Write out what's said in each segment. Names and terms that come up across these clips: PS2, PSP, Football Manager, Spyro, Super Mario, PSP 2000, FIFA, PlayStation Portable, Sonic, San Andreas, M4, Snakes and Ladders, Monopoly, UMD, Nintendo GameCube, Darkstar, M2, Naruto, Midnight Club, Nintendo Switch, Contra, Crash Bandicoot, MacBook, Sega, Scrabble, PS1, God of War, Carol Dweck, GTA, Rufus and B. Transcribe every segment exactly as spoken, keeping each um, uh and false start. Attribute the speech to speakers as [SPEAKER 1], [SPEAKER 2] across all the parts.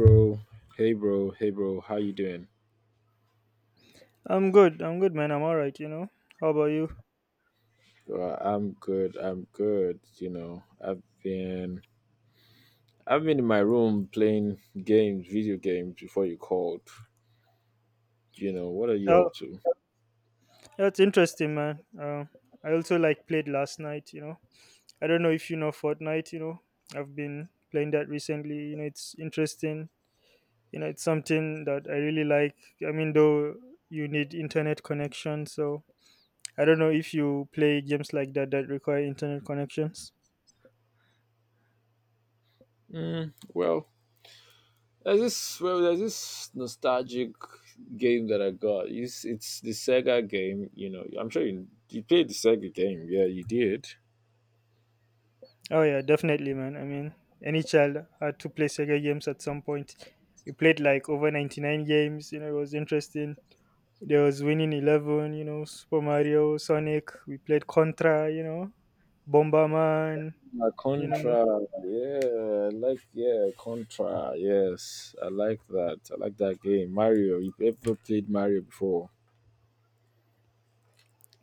[SPEAKER 1] Bro hey bro hey bro how you doing?
[SPEAKER 2] I'm good. I'm good, man. I'm all right. You know. How about you?
[SPEAKER 1] Well, i'm good i'm good you know i've been i've been in my room playing games, video games, before you called. You know what are you
[SPEAKER 2] Oh,
[SPEAKER 1] up to?
[SPEAKER 2] that's interesting, man. Um, I also like played last night. You know, I don't know if you know Fortnite. You know, I've been playing that recently. You know, it's interesting. You know, it's something that I really like. I mean, though you need internet connection, so I don't know if you play games like that that require internet connections.
[SPEAKER 1] mm, well there's this well there's this nostalgic game that I got. It's, it's the Sega game. you know I'm sure you, you played the Sega game. Yeah, you did.
[SPEAKER 2] Oh yeah, definitely, man. I mean, any child had to play Sega games at some point. We played like over ninety-nine games. You know, it was interesting. There was Winning Eleven, you know, Super Mario, Sonic. We played Contra, you know, Bomberman,
[SPEAKER 1] Uh,
[SPEAKER 2] you know.
[SPEAKER 1] Contra, yeah, I like yeah, Contra, yes, I like that. I like that game. Mario, you ever played Mario before?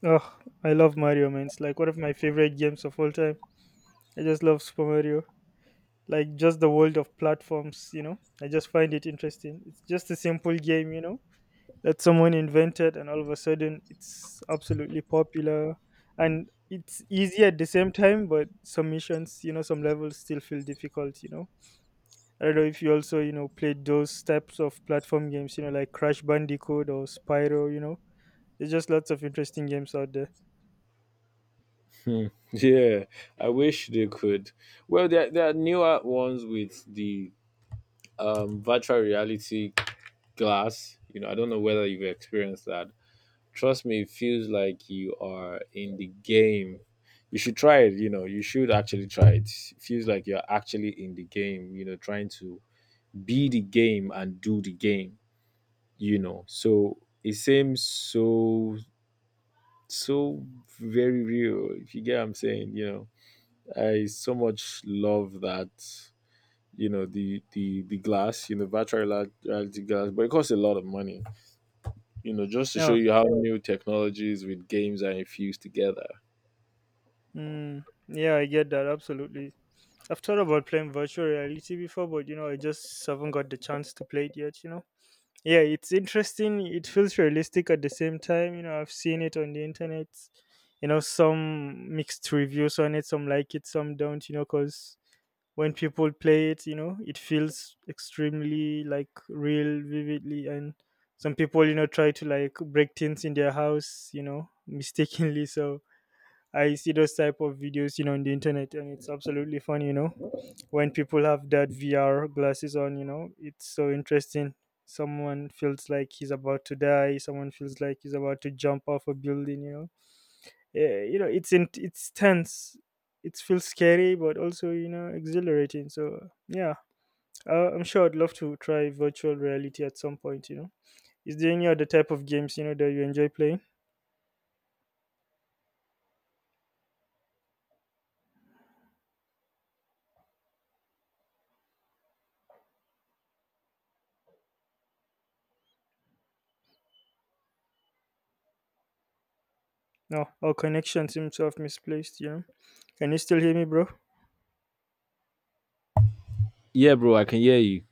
[SPEAKER 2] Oh, I love Mario, man. It's like one of my favorite games of all time. I just love Super Mario. Like just the world of platforms, you know. I just find it interesting. It's just a simple game, you know, that someone invented, and all of a sudden it's absolutely popular. And it's easy at the same time, but some missions, you know, some levels still feel difficult, you know. I don't know if you also, you know, played those types of platform games, you know, like Crash Bandicoot or Spyro, you know. There's just lots of interesting games out there.
[SPEAKER 1] Hmm. Yeah, I wish they could. Well, there there are newer ones with the um virtual reality glass. You know, I don't know whether you've experienced that. Trust me, it feels like you are in the game. You should try it. You know, you should actually try it. It feels like you're actually in the game, You know, trying to be the game and do the game. you know. So it seems so so very real, if you get what I'm saying. you know. I so much love that, you know, the the the glass, you know, virtual reali- reality glass, but it costs a lot of money, you know, just to show
[SPEAKER 2] Yeah.
[SPEAKER 1] you how new technologies with games are infused together.
[SPEAKER 2] Mm, yeah, I get that. Absolutely. I've thought about playing virtual reality before, but, you know, I just haven't got the chance to play it yet, you know. Yeah, it's interesting. It feels realistic at the same time. You know, I've seen it on the internet. You know, some mixed reviews on it. Some like it, some don't, you know, because when people play it, you know, it feels extremely like real vividly. And some people, you know, try to like break things in their house, you know, mistakenly. So I see those type of videos, you know, on the internet, and it's absolutely fun, you know. When people have that V R glasses on, you know, it's so interesting. Someone feels like he's about to die, someone feels like he's about to jump off a building, you know. Yeah, you know, it's in, it's tense. It feels scary but also, you know, exhilarating. So yeah, uh, I'm sure I'd love to try virtual reality at some point, you know. Is there any other type of games, you know, that you enjoy playing? No, our connection seems to have misplaced, you know. Can you still hear me, bro?
[SPEAKER 1] Yeah, bro, I can hear you.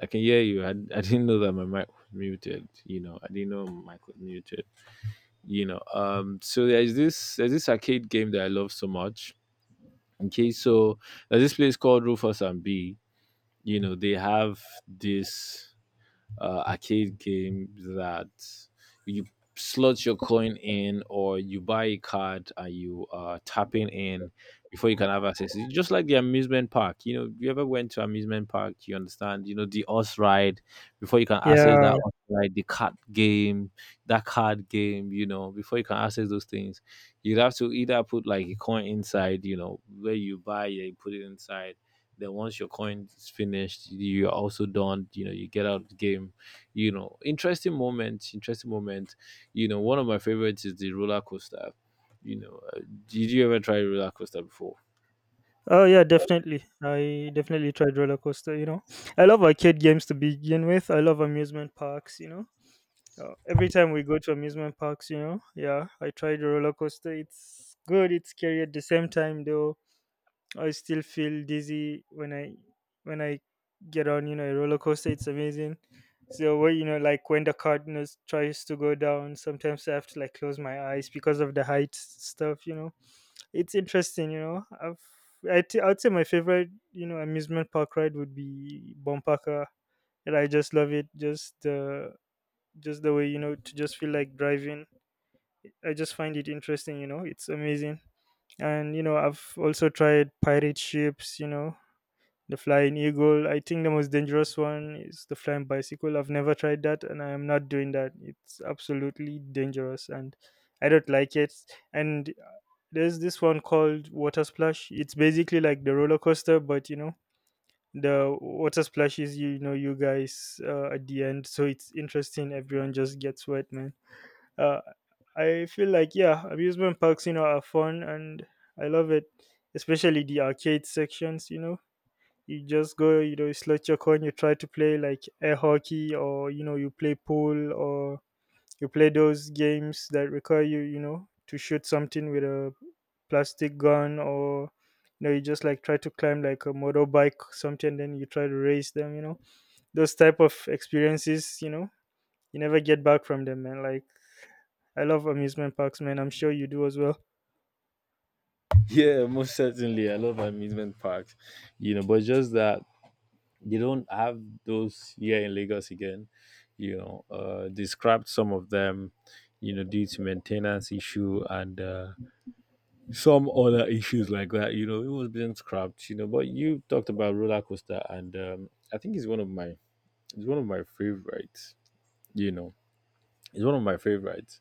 [SPEAKER 1] I can hear you. I, I didn't know that my mic was muted, you know. I didn't know my mic was muted. You know um so there's this there's this arcade game that I love so much. Okay, so there's this place called Rufus and B. You know, they have this uh, arcade game that you slot your coin in, or you buy a card and you are tapping in before you can have access. It's just like the amusement park. You know, you ever went to amusement park, you understand, you know, the horse ride, before you can access
[SPEAKER 2] Yeah.
[SPEAKER 1] that horse ride, the card game, that card game, you know, before you can access those things, you'd have to either put like a coin inside, you know, where you buy, yeah, you put it inside. Then once your coin is finished, you're also done. You know, you get out of the game. You know, interesting moments, interesting moment. You know, one of my favorites is the roller coaster. You know, uh, did you ever try roller coaster before?
[SPEAKER 2] Oh yeah, definitely. I definitely tried roller coaster, you know. I love arcade games to begin with. I love amusement parks, you know. Uh, every time we go to amusement parks, you know, yeah, I tried the roller coaster. It's good. It's scary at the same time, though. I still feel dizzy when I when I get on, you know, a roller coaster. It's amazing. So, what, you know, like when the cardinals tries to go down, sometimes I have to like close my eyes because of the height stuff. You know, it's interesting. You know, I've I t- I'd say my favorite, you know, amusement park ride would be Bumpaka. And I just love it. Just the just the way, you know, to just feel like driving. I just find it interesting, you know. It's amazing. And you know, I've also tried pirate ships, you know, the flying eagle. I think the most dangerous one is the flying bicycle. I've never tried that, and I am not doing that. It's absolutely dangerous, and I don't like it. And uh, there's this one called water splash. It's basically like the roller coaster, but you know, the water splashes, you know, you guys, uh, at the end. So it's interesting, everyone just gets wet, man. uh, I feel like, yeah, amusement parks, you know, are fun, and I love it, especially the arcade sections. You know, you just go, you know, you slot your coin, you try to play like air hockey, or you know, you play pool, or you play those games that require you, you know, to shoot something with a plastic gun, or you know, you just like try to climb like a motorbike, or something, then you try to race them. You know, those type of experiences, you know, you never get back from them, man. Like I love amusement parks, man. I'm sure you do as well.
[SPEAKER 1] Yeah, most certainly. I love amusement parks, you know, but just that they don't have those here in Lagos again. You know, uh, they scrapped some of them, you know, due to maintenance issue, and uh, some other issues like that. You know, it was being scrapped. You know, but you talked about roller coaster, and um, I think it's one of my, it's one of my favorites. You know, it's one of my favorites.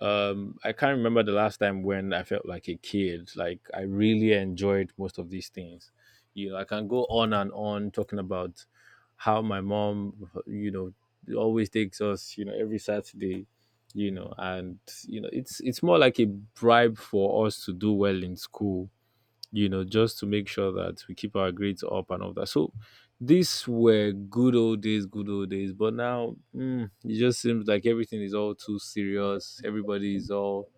[SPEAKER 1] um I can't remember the last time when I felt like a kid, like I really enjoyed most of these things. You know, I can go on and on talking about how my mom, you know, always takes us, you know, every Saturday, you know, and you know, it's it's more like a bribe for us to do well in school, you know, just to make sure that we keep our grades up and all that. So these were good old days, good old days. But now mm, it just seems like everything is all too serious. Everybody is all,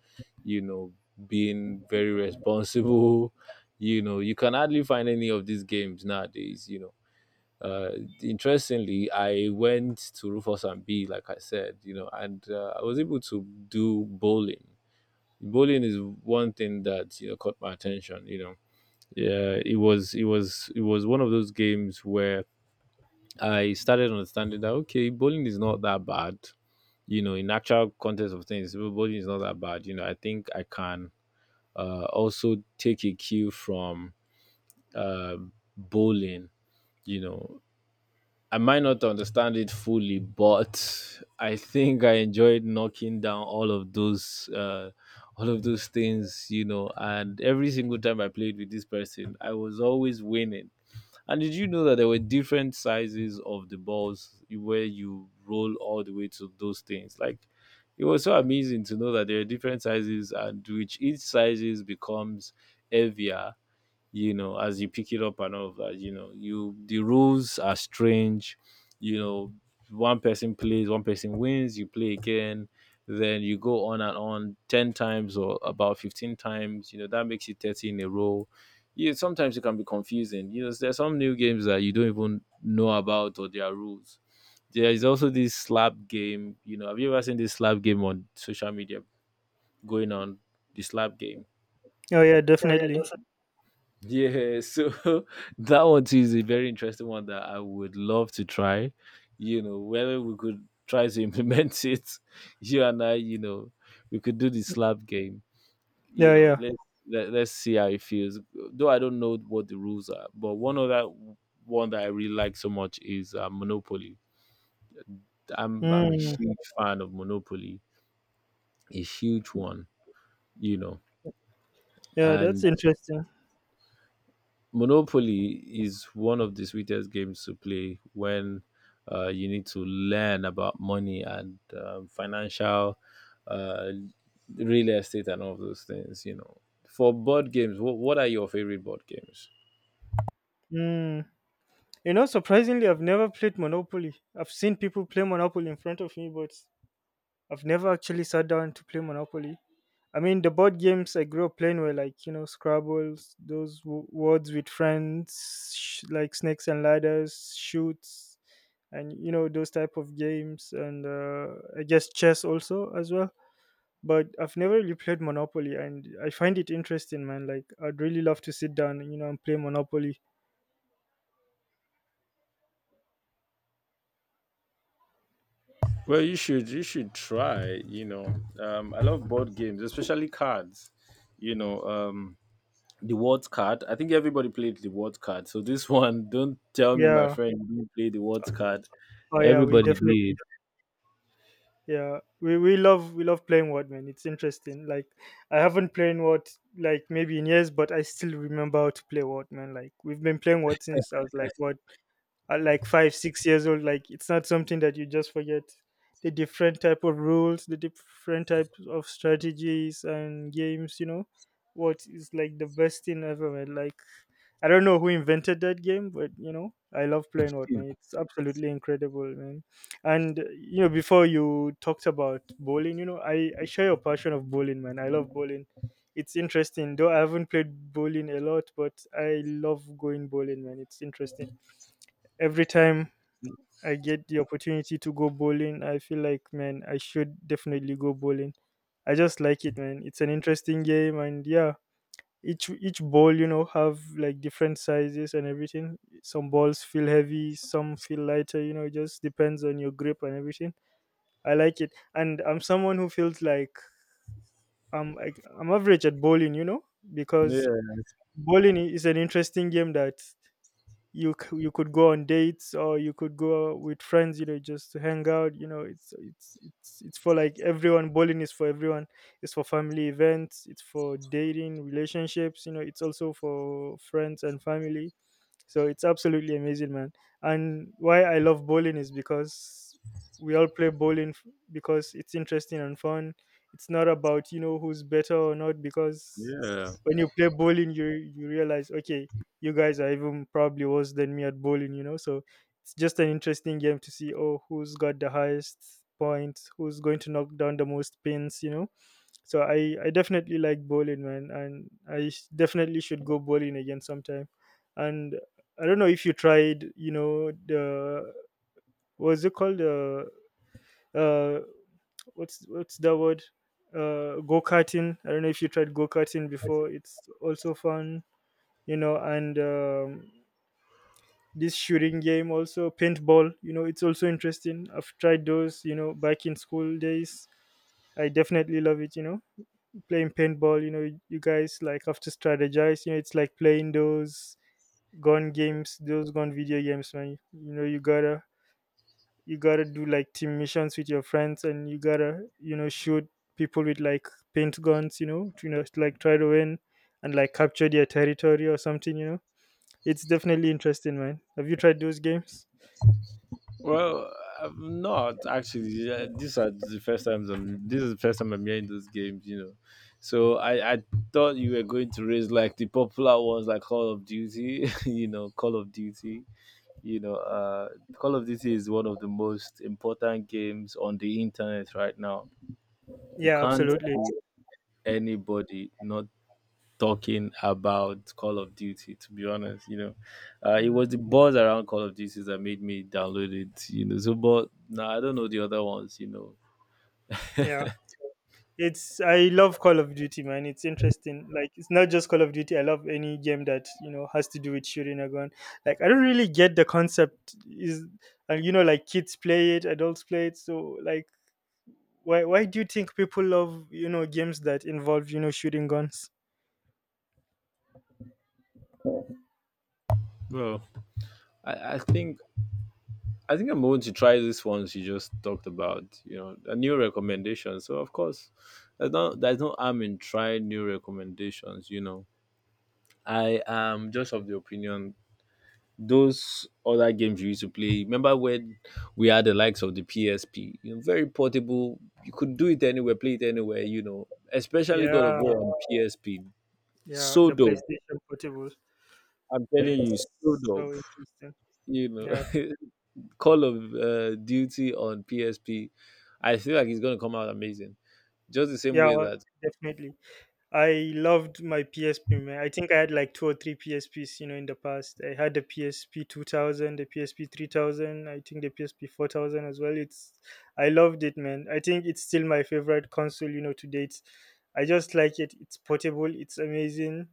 [SPEAKER 1] you know, being very responsible. You know, you can hardly find any of these games nowadays, you know. Uh, interestingly, I went to Rufus and B, like I said, you know, and uh, I was able to do bowling. Bowling is one thing that you know caught my attention. You know, yeah, it was it was it was one of those games where I started understanding that okay, bowling is not that bad. You know, in actual context of things, bowling is not that bad. You know, I think I can uh also take a cue from uh bowling, you know. I might not understand it fully, but I think I enjoyed knocking down all of those, uh, all of those things, you know. And every single time I played with this person, I was always winning. And did you know that there were different sizes of the balls where you roll all the way to those things? Like, it was so amazing to know that there are different sizes, and which each sizes becomes heavier, you know, as you pick it up and all of that. You know, you the rules are strange, you know, one person plays, one person wins, you play again, then you go on and on ten times or about fifteen times, you know, that makes you thirty in a row. Yeah, sometimes it can be confusing. You know, there's some new games that you don't even know about, or their rules. There is also this slap game. You know, have you ever seen this slap game on social media going on? The slap game.
[SPEAKER 2] Oh yeah,
[SPEAKER 1] Oh yeah,
[SPEAKER 2] definitely.
[SPEAKER 1] yeah, so that one too is a very interesting one that I would love to try. You know, whether we could try to implement it, you and I, you know, we could do the slap game. You
[SPEAKER 2] Yeah,
[SPEAKER 1] know,
[SPEAKER 2] yeah.
[SPEAKER 1] let's, let, let's see how it feels. Though I don't know what the rules are, but one other one that I really like so much is uh, Monopoly. I'm I'm a
[SPEAKER 2] Mm,
[SPEAKER 1] huge fan of Monopoly, a huge one. You know,
[SPEAKER 2] yeah, that's
[SPEAKER 1] and
[SPEAKER 2] interesting.
[SPEAKER 1] Monopoly is one of the sweetest games to play when uh, you need to learn about money, and um, financial, uh, real estate, and all of those things. You know, for board games, what, what are your favorite board games?
[SPEAKER 2] Mm. You know, surprisingly, I've never played Monopoly. I've seen people play Monopoly in front of me, but I've never actually sat down to play Monopoly. I mean, the board games I grew up playing were like, you know, Scrabbles, those w- words with friends, sh- like Snakes and Ladders, Shoots, and, you know, those type of games. And uh, I guess chess also as well. But I've never really played Monopoly, and I find it interesting, man. Like, I'd really love to sit down, you know, and play Monopoly.
[SPEAKER 1] Well, you should you should try. You know, um, I love board games, especially cards. You know, um, the word card. I think everybody played the word card. So this one, don't tell me, my
[SPEAKER 2] Yeah.
[SPEAKER 1] friend, you didn't play the word card.
[SPEAKER 2] Oh, yeah. We
[SPEAKER 1] Everybody did.
[SPEAKER 2] definitely. Yeah. We we love we love playing Word, man. It's interesting. Like, I haven't played Word like maybe in years, but I still remember how to play Word, man. Like, we've been playing Word since I was like what, at like five six years old. Like it's not something that you just forget, the different type of rules, the different types of strategies and games, you know. What is like the best thing ever, man? Like I don't know who invented that game, but you know, I love playing what, man. It's absolutely incredible, man. And you know, before you talked about bowling, you know, i i share your passion of bowling, man. I love bowling. It's interesting, though I haven't played bowling a lot, but I love going bowling, man. It's interesting. Every time I get the opportunity to go bowling, I feel like, man, I should definitely go bowling. I just like it, man. It's an interesting game, and yeah, each each ball, you know, have like different sizes and everything. Some balls feel heavy, some feel lighter. You know, it just depends on your grip and everything. I like it, and I'm someone who feels like I'm like, I'm average at bowling, you know, because
[SPEAKER 1] Yeah,
[SPEAKER 2] bowling i- is an interesting game that you c- you could go on dates, or you could go with friends, you know, just to hang out. You know, it's it's it's it's for like everyone. Bowling is for everyone. It's for family events, it's for dating relationships, you know, it's also for friends and family. So it's absolutely amazing, man. And why I love bowling is because we all play bowling f- because it's interesting and fun. It's not about, you know, who's better or not, because
[SPEAKER 1] yeah.
[SPEAKER 2] when you play bowling, you you realize okay, you guys are even probably worse than me at bowling, you know. So it's just an interesting game to see, oh, who's got the highest points, who's going to knock down the most pins, you know. So I, I definitely like bowling, man, and I s- definitely should go bowling again sometime. And I don't know if you tried, you know, the what's it called? The uh, what's what's that word? Uh, go karting. I don't know if you tried go karting before. It's also fun, you know, and um, this shooting game also, paintball. You know, it's also interesting. I've tried those, you know, back in school days. I definitely love it, you know. Playing paintball, you know, you guys like have to strategize, you know. It's like playing those gun games, those gun video games, man. You know, you gotta you gotta do like team missions with your friends, and you gotta, you know, shoot people with like paint guns, you know, to, you know, like try to win and like capture their territory or something, you know. It's definitely interesting, man. Have you tried those games?
[SPEAKER 1] Well, I'm not actually. Yeah, these are the first times I'm. This is the first time I'm hearing those games. You know, so I I thought you were going to raise like the popular ones like Call of Duty. You know, Call of Duty. You know, uh, Call of Duty is one of the most important games on the internet right now. You
[SPEAKER 2] Yeah,
[SPEAKER 1] can't
[SPEAKER 2] absolutely.
[SPEAKER 1] see anybody not talking about Call of Duty. To be honest, you know, uh, it was the buzz around Call of Duty that made me download it. You know, so but now I don't know the other ones. You know,
[SPEAKER 2] Yeah, it's, I love Call of Duty, man. It's interesting. Like it's not just Call of Duty. I love any game that, you know, has to do with shooting a gun. Like I don't really get the concept. Is, and you know, like kids play it, adults play it. So like why why do you think people love, you know, games that involve, you know, shooting guns?
[SPEAKER 1] well, I, I think I think I'm going to try these ones you just talked about. You know, a new recommendation. So of course, there's no there's no harm in trying new recommendations. You know, I am just of the opinion those other games you used to play. Remember when we had the likes of the P S P? You know, very portable. You could do it anywhere, play it anywhere. You know, especially God of
[SPEAKER 2] Yeah,
[SPEAKER 1] War on P S P.
[SPEAKER 2] yeah.
[SPEAKER 1] So
[SPEAKER 2] The
[SPEAKER 1] dope.
[SPEAKER 2] PlayStation Portable.
[SPEAKER 1] I'm telling you,
[SPEAKER 2] It's
[SPEAKER 1] so
[SPEAKER 2] so
[SPEAKER 1] dope.
[SPEAKER 2] interesting.
[SPEAKER 1] You know,
[SPEAKER 2] Yeah,
[SPEAKER 1] Call of uh, Duty on P S P. I feel like it's gonna come out amazing. Just the same
[SPEAKER 2] yeah,
[SPEAKER 1] way that.
[SPEAKER 2] definitely. I loved my P S P, man. I think I had like two or three P S Ps, you know, in the past. I had the P S P two thousand, the P S P three thousand, I think the P S P four thousand as well. It's, I loved it, man. I think it's still my favorite console, you know, to date. I just like it. It's portable, it's amazing.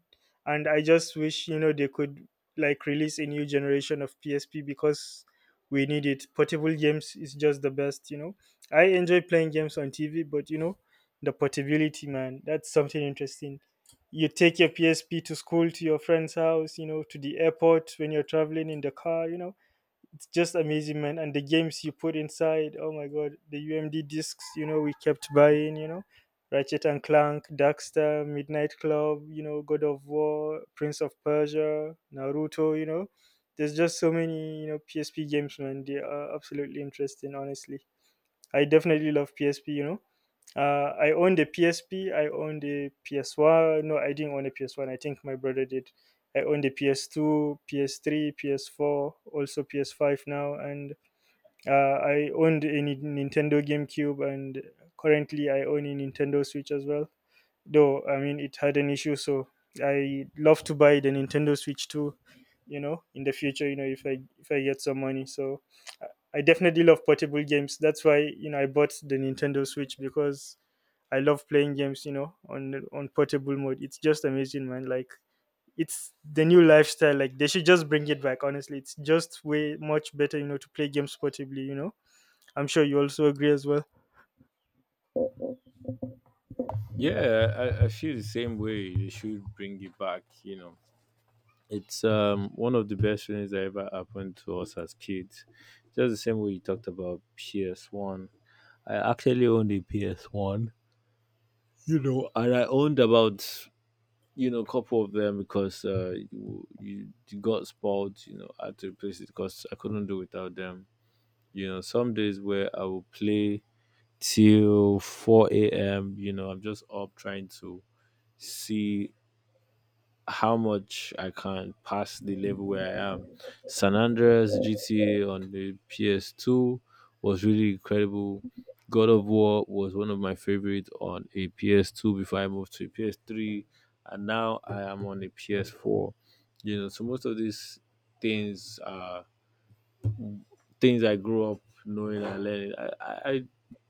[SPEAKER 2] And I just wish, you know, they could like release a new generation of P S P because we need it. Portable games is just the best, you know. I enjoy playing games on T V, but, you know, the portability, man. That's something interesting. You take your P S P to school, to your friend's house, you know, to the airport when you're traveling in the car, you know. It's just amazing, man. And the games you put inside, oh my god, the U M D discs, you know, we kept buying, you know. Ratchet and Clank, Darkstar, Midnight Club, you know, God of War, Prince of Persia, Naruto, you know. There's just so many, you know, P S P games, man. They are absolutely interesting, honestly. I definitely love P S P, you know. Uh, I owned a P S P, I owned a P S one. No, I didn't own a P S one. I think my brother did. I owned a P S two, P S three, P S four, also P S five now. And uh, I owned a Ni- Nintendo GameCube, and currently I own a Nintendo Switch as well, though I mean it had an issue, so I love to buy the Nintendo Switch too, you know, in the future, you know, if i if i get some money. So i I definitely love portable games. That's why, you know, I bought the Nintendo Switch, because I love playing games, you know, on on portable mode. It's just amazing, man. Like it's the new lifestyle. Like they should just bring it back, honestly. It's just way much better, you know, to play games portably, you know. I'm sure you also agree as well.
[SPEAKER 1] Yeah, I, I feel the same way. They should bring it back, you know. It's um, one of the best things that ever happened to us as kids. Just the same way you talked about P S one. I actually owned a P S one, you know, and I owned about, you know, a couple of them because uh, you, you you got spoiled, you know, I had to replace it because I couldn't do without them. You know, some days where I will play till four a m, you know, I'm just up trying to see how much I can pass the level where I am. San Andreas G T A on the P S two was really incredible. God of War was one of my favorite on a P S two before I moved to a P S three, and now I am on a P S four. You know, so most of these things are things I grew up knowing and learning. I, I I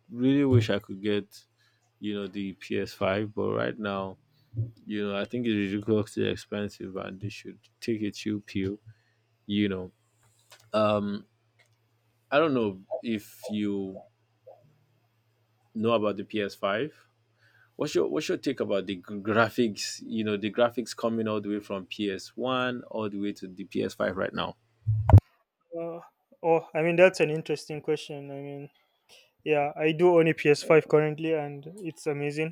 [SPEAKER 1] really wish I could get, you know, the P S five, but right now you know, I think it's ridiculously expensive and they should take a chill pill, you know. Um, I don't know if you know about the P S five. What's your what's your take about the gr- graphics, you know, the graphics coming all the way from P S one all the way to the P S five right now?
[SPEAKER 2] uh, oh, i mean that's an interesting question. I mean yeah, I do own a P S five currently, and it's amazing.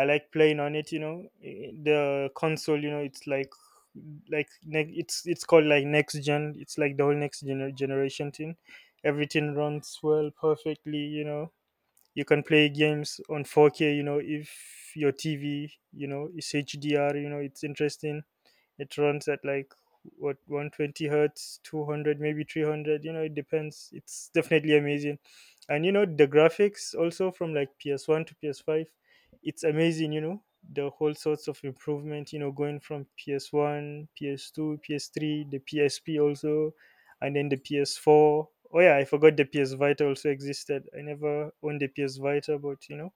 [SPEAKER 2] I like playing on it. You know, eh, the console. You know, it's like like ne- it's it's called like next gen. It's like the whole next gener- generation thing. Everything runs well, perfectly. You know, you can play games on four K. You know, if your T V, you know, is H D R. You know, it's interesting, it runs at like what, one twenty hertz, two hundred, maybe three hundred, you know, it depends. It's definitely amazing. And you know, the graphics also, from like P S one to P S five, it's amazing, you know, the whole sorts of improvement, you know, going from P S one, P S two, P S three, the PSP also, and then the P S four. Oh yeah, I forgot the PS Vita also existed. I never owned the PS Vita, but you know,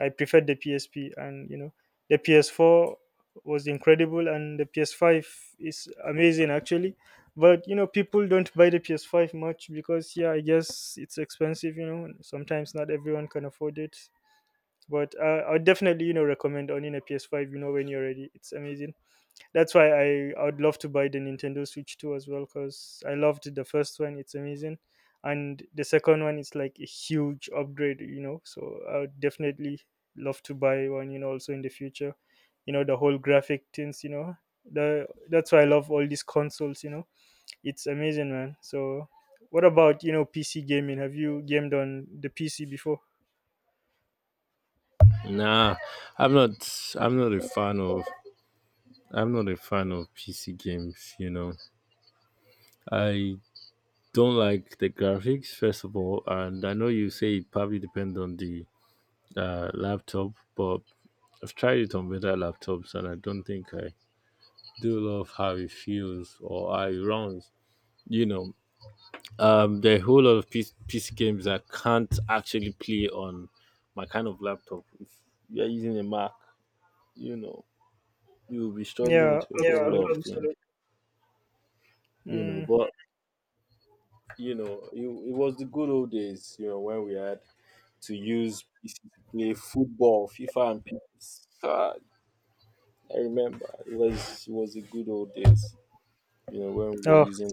[SPEAKER 2] I preferred the P S P, and you know, the P S four was incredible, and the P S five is amazing, actually. But you know, people don't buy the P S five much because, yeah, I guess it's expensive. You know, sometimes not everyone can afford it. But uh, I would definitely, you know, recommend owning a P S five. You know, when you're ready, it's amazing. That's why I, I would love to buy the Nintendo Switch two as well, because I loved the first one. It's amazing. And the second one is like a huge upgrade, you know. So I would definitely love to buy one, you know, also in the future. You know, the whole graphic things, you know. The, that's why I love all these consoles, you know. It's amazing, man. So what about, you know, P C gaming? Have you gamed on the P C before?
[SPEAKER 1] Nah, I'm not. I'm not a fan of. I'm not a fan of P C games. You know, I don't like the graphics first of all, and I know you say it probably depends on the uh, laptop, but I've tried it on better laptops and I don't think I do love how it feels or how it runs. You know, um, there are a whole lot of PC, P C games I can't actually play on my kind of laptop. If you're using a Mac, you know, you'll be struggling
[SPEAKER 2] Yeah,
[SPEAKER 1] with a whole, yeah, lot of
[SPEAKER 2] absolutely.
[SPEAKER 1] things, absolutely. You know.
[SPEAKER 2] Mm.
[SPEAKER 1] But, you know, it, it was the good old days, you know, when we had to use P C to play football, FIFA and P S. God, I remember it was, it was the good old days, you know, when we were
[SPEAKER 2] Oh,
[SPEAKER 1] using.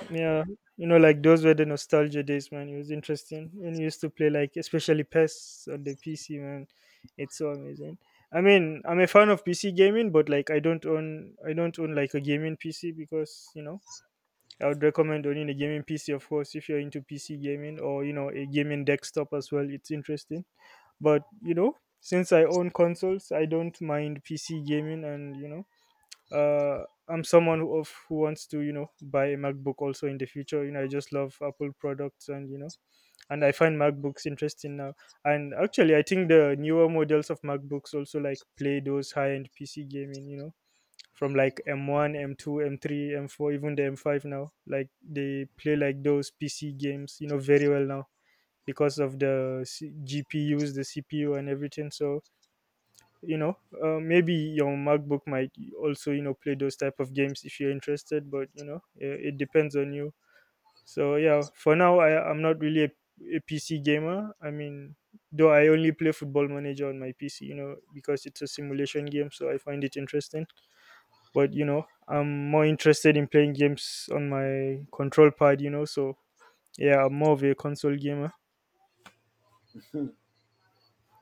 [SPEAKER 2] yeah, you know, like those were the nostalgia days, man. It was interesting when you used to play, like, especially P E S on the P C, man. It's so amazing. I mean, I'm a fan of P C gaming, but like, I don't own, I don't own like a gaming P C, because you know, I would recommend owning a gaming P C, of course, if you're into P C gaming, or you know, a gaming desktop as well. It's interesting, but you know, since I own consoles, I don't mind P C gaming. And you know, uh, I'm someone who, of who wants to, you know, buy a MacBook also in the future. You know, I just love Apple products, and you know, and I find MacBooks interesting now. And actually, I think the newer models of MacBooks also like play those high-end P C gaming. You know, from like M one, M two, M three, M four, even the M five now. Like they play like those P C games, you know, very well now, because of the C- G P Us, the C P U, and everything. So you know, uh, maybe your MacBook might also, you know, play those type of games, if you're interested. But you know, it, it depends on you. So yeah, for now I, I'm not really a, a PC gamer. I mean, though I only play Football Manager on my PC, you know, because it's a simulation game, so I find it interesting. But you know, I'm more interested in playing games on my control pad, you know. So yeah, I'm more of a console gamer.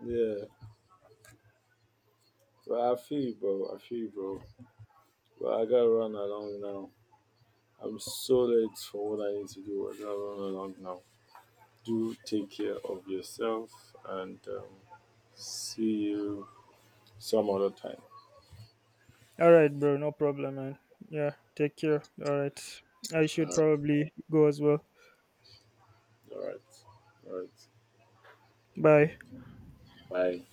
[SPEAKER 1] Yeah, but I feel you, bro. I feel you, bro. But I gotta run along now. I'm so late for what I need to do. I gotta run along now. Do take care of yourself and, um, see you some other time.
[SPEAKER 2] All right, bro. No problem, man. Yeah. Take care. All right. I should
[SPEAKER 1] Uh,
[SPEAKER 2] probably go as well.
[SPEAKER 1] all right. All right.
[SPEAKER 2] Bye.
[SPEAKER 1] Bye.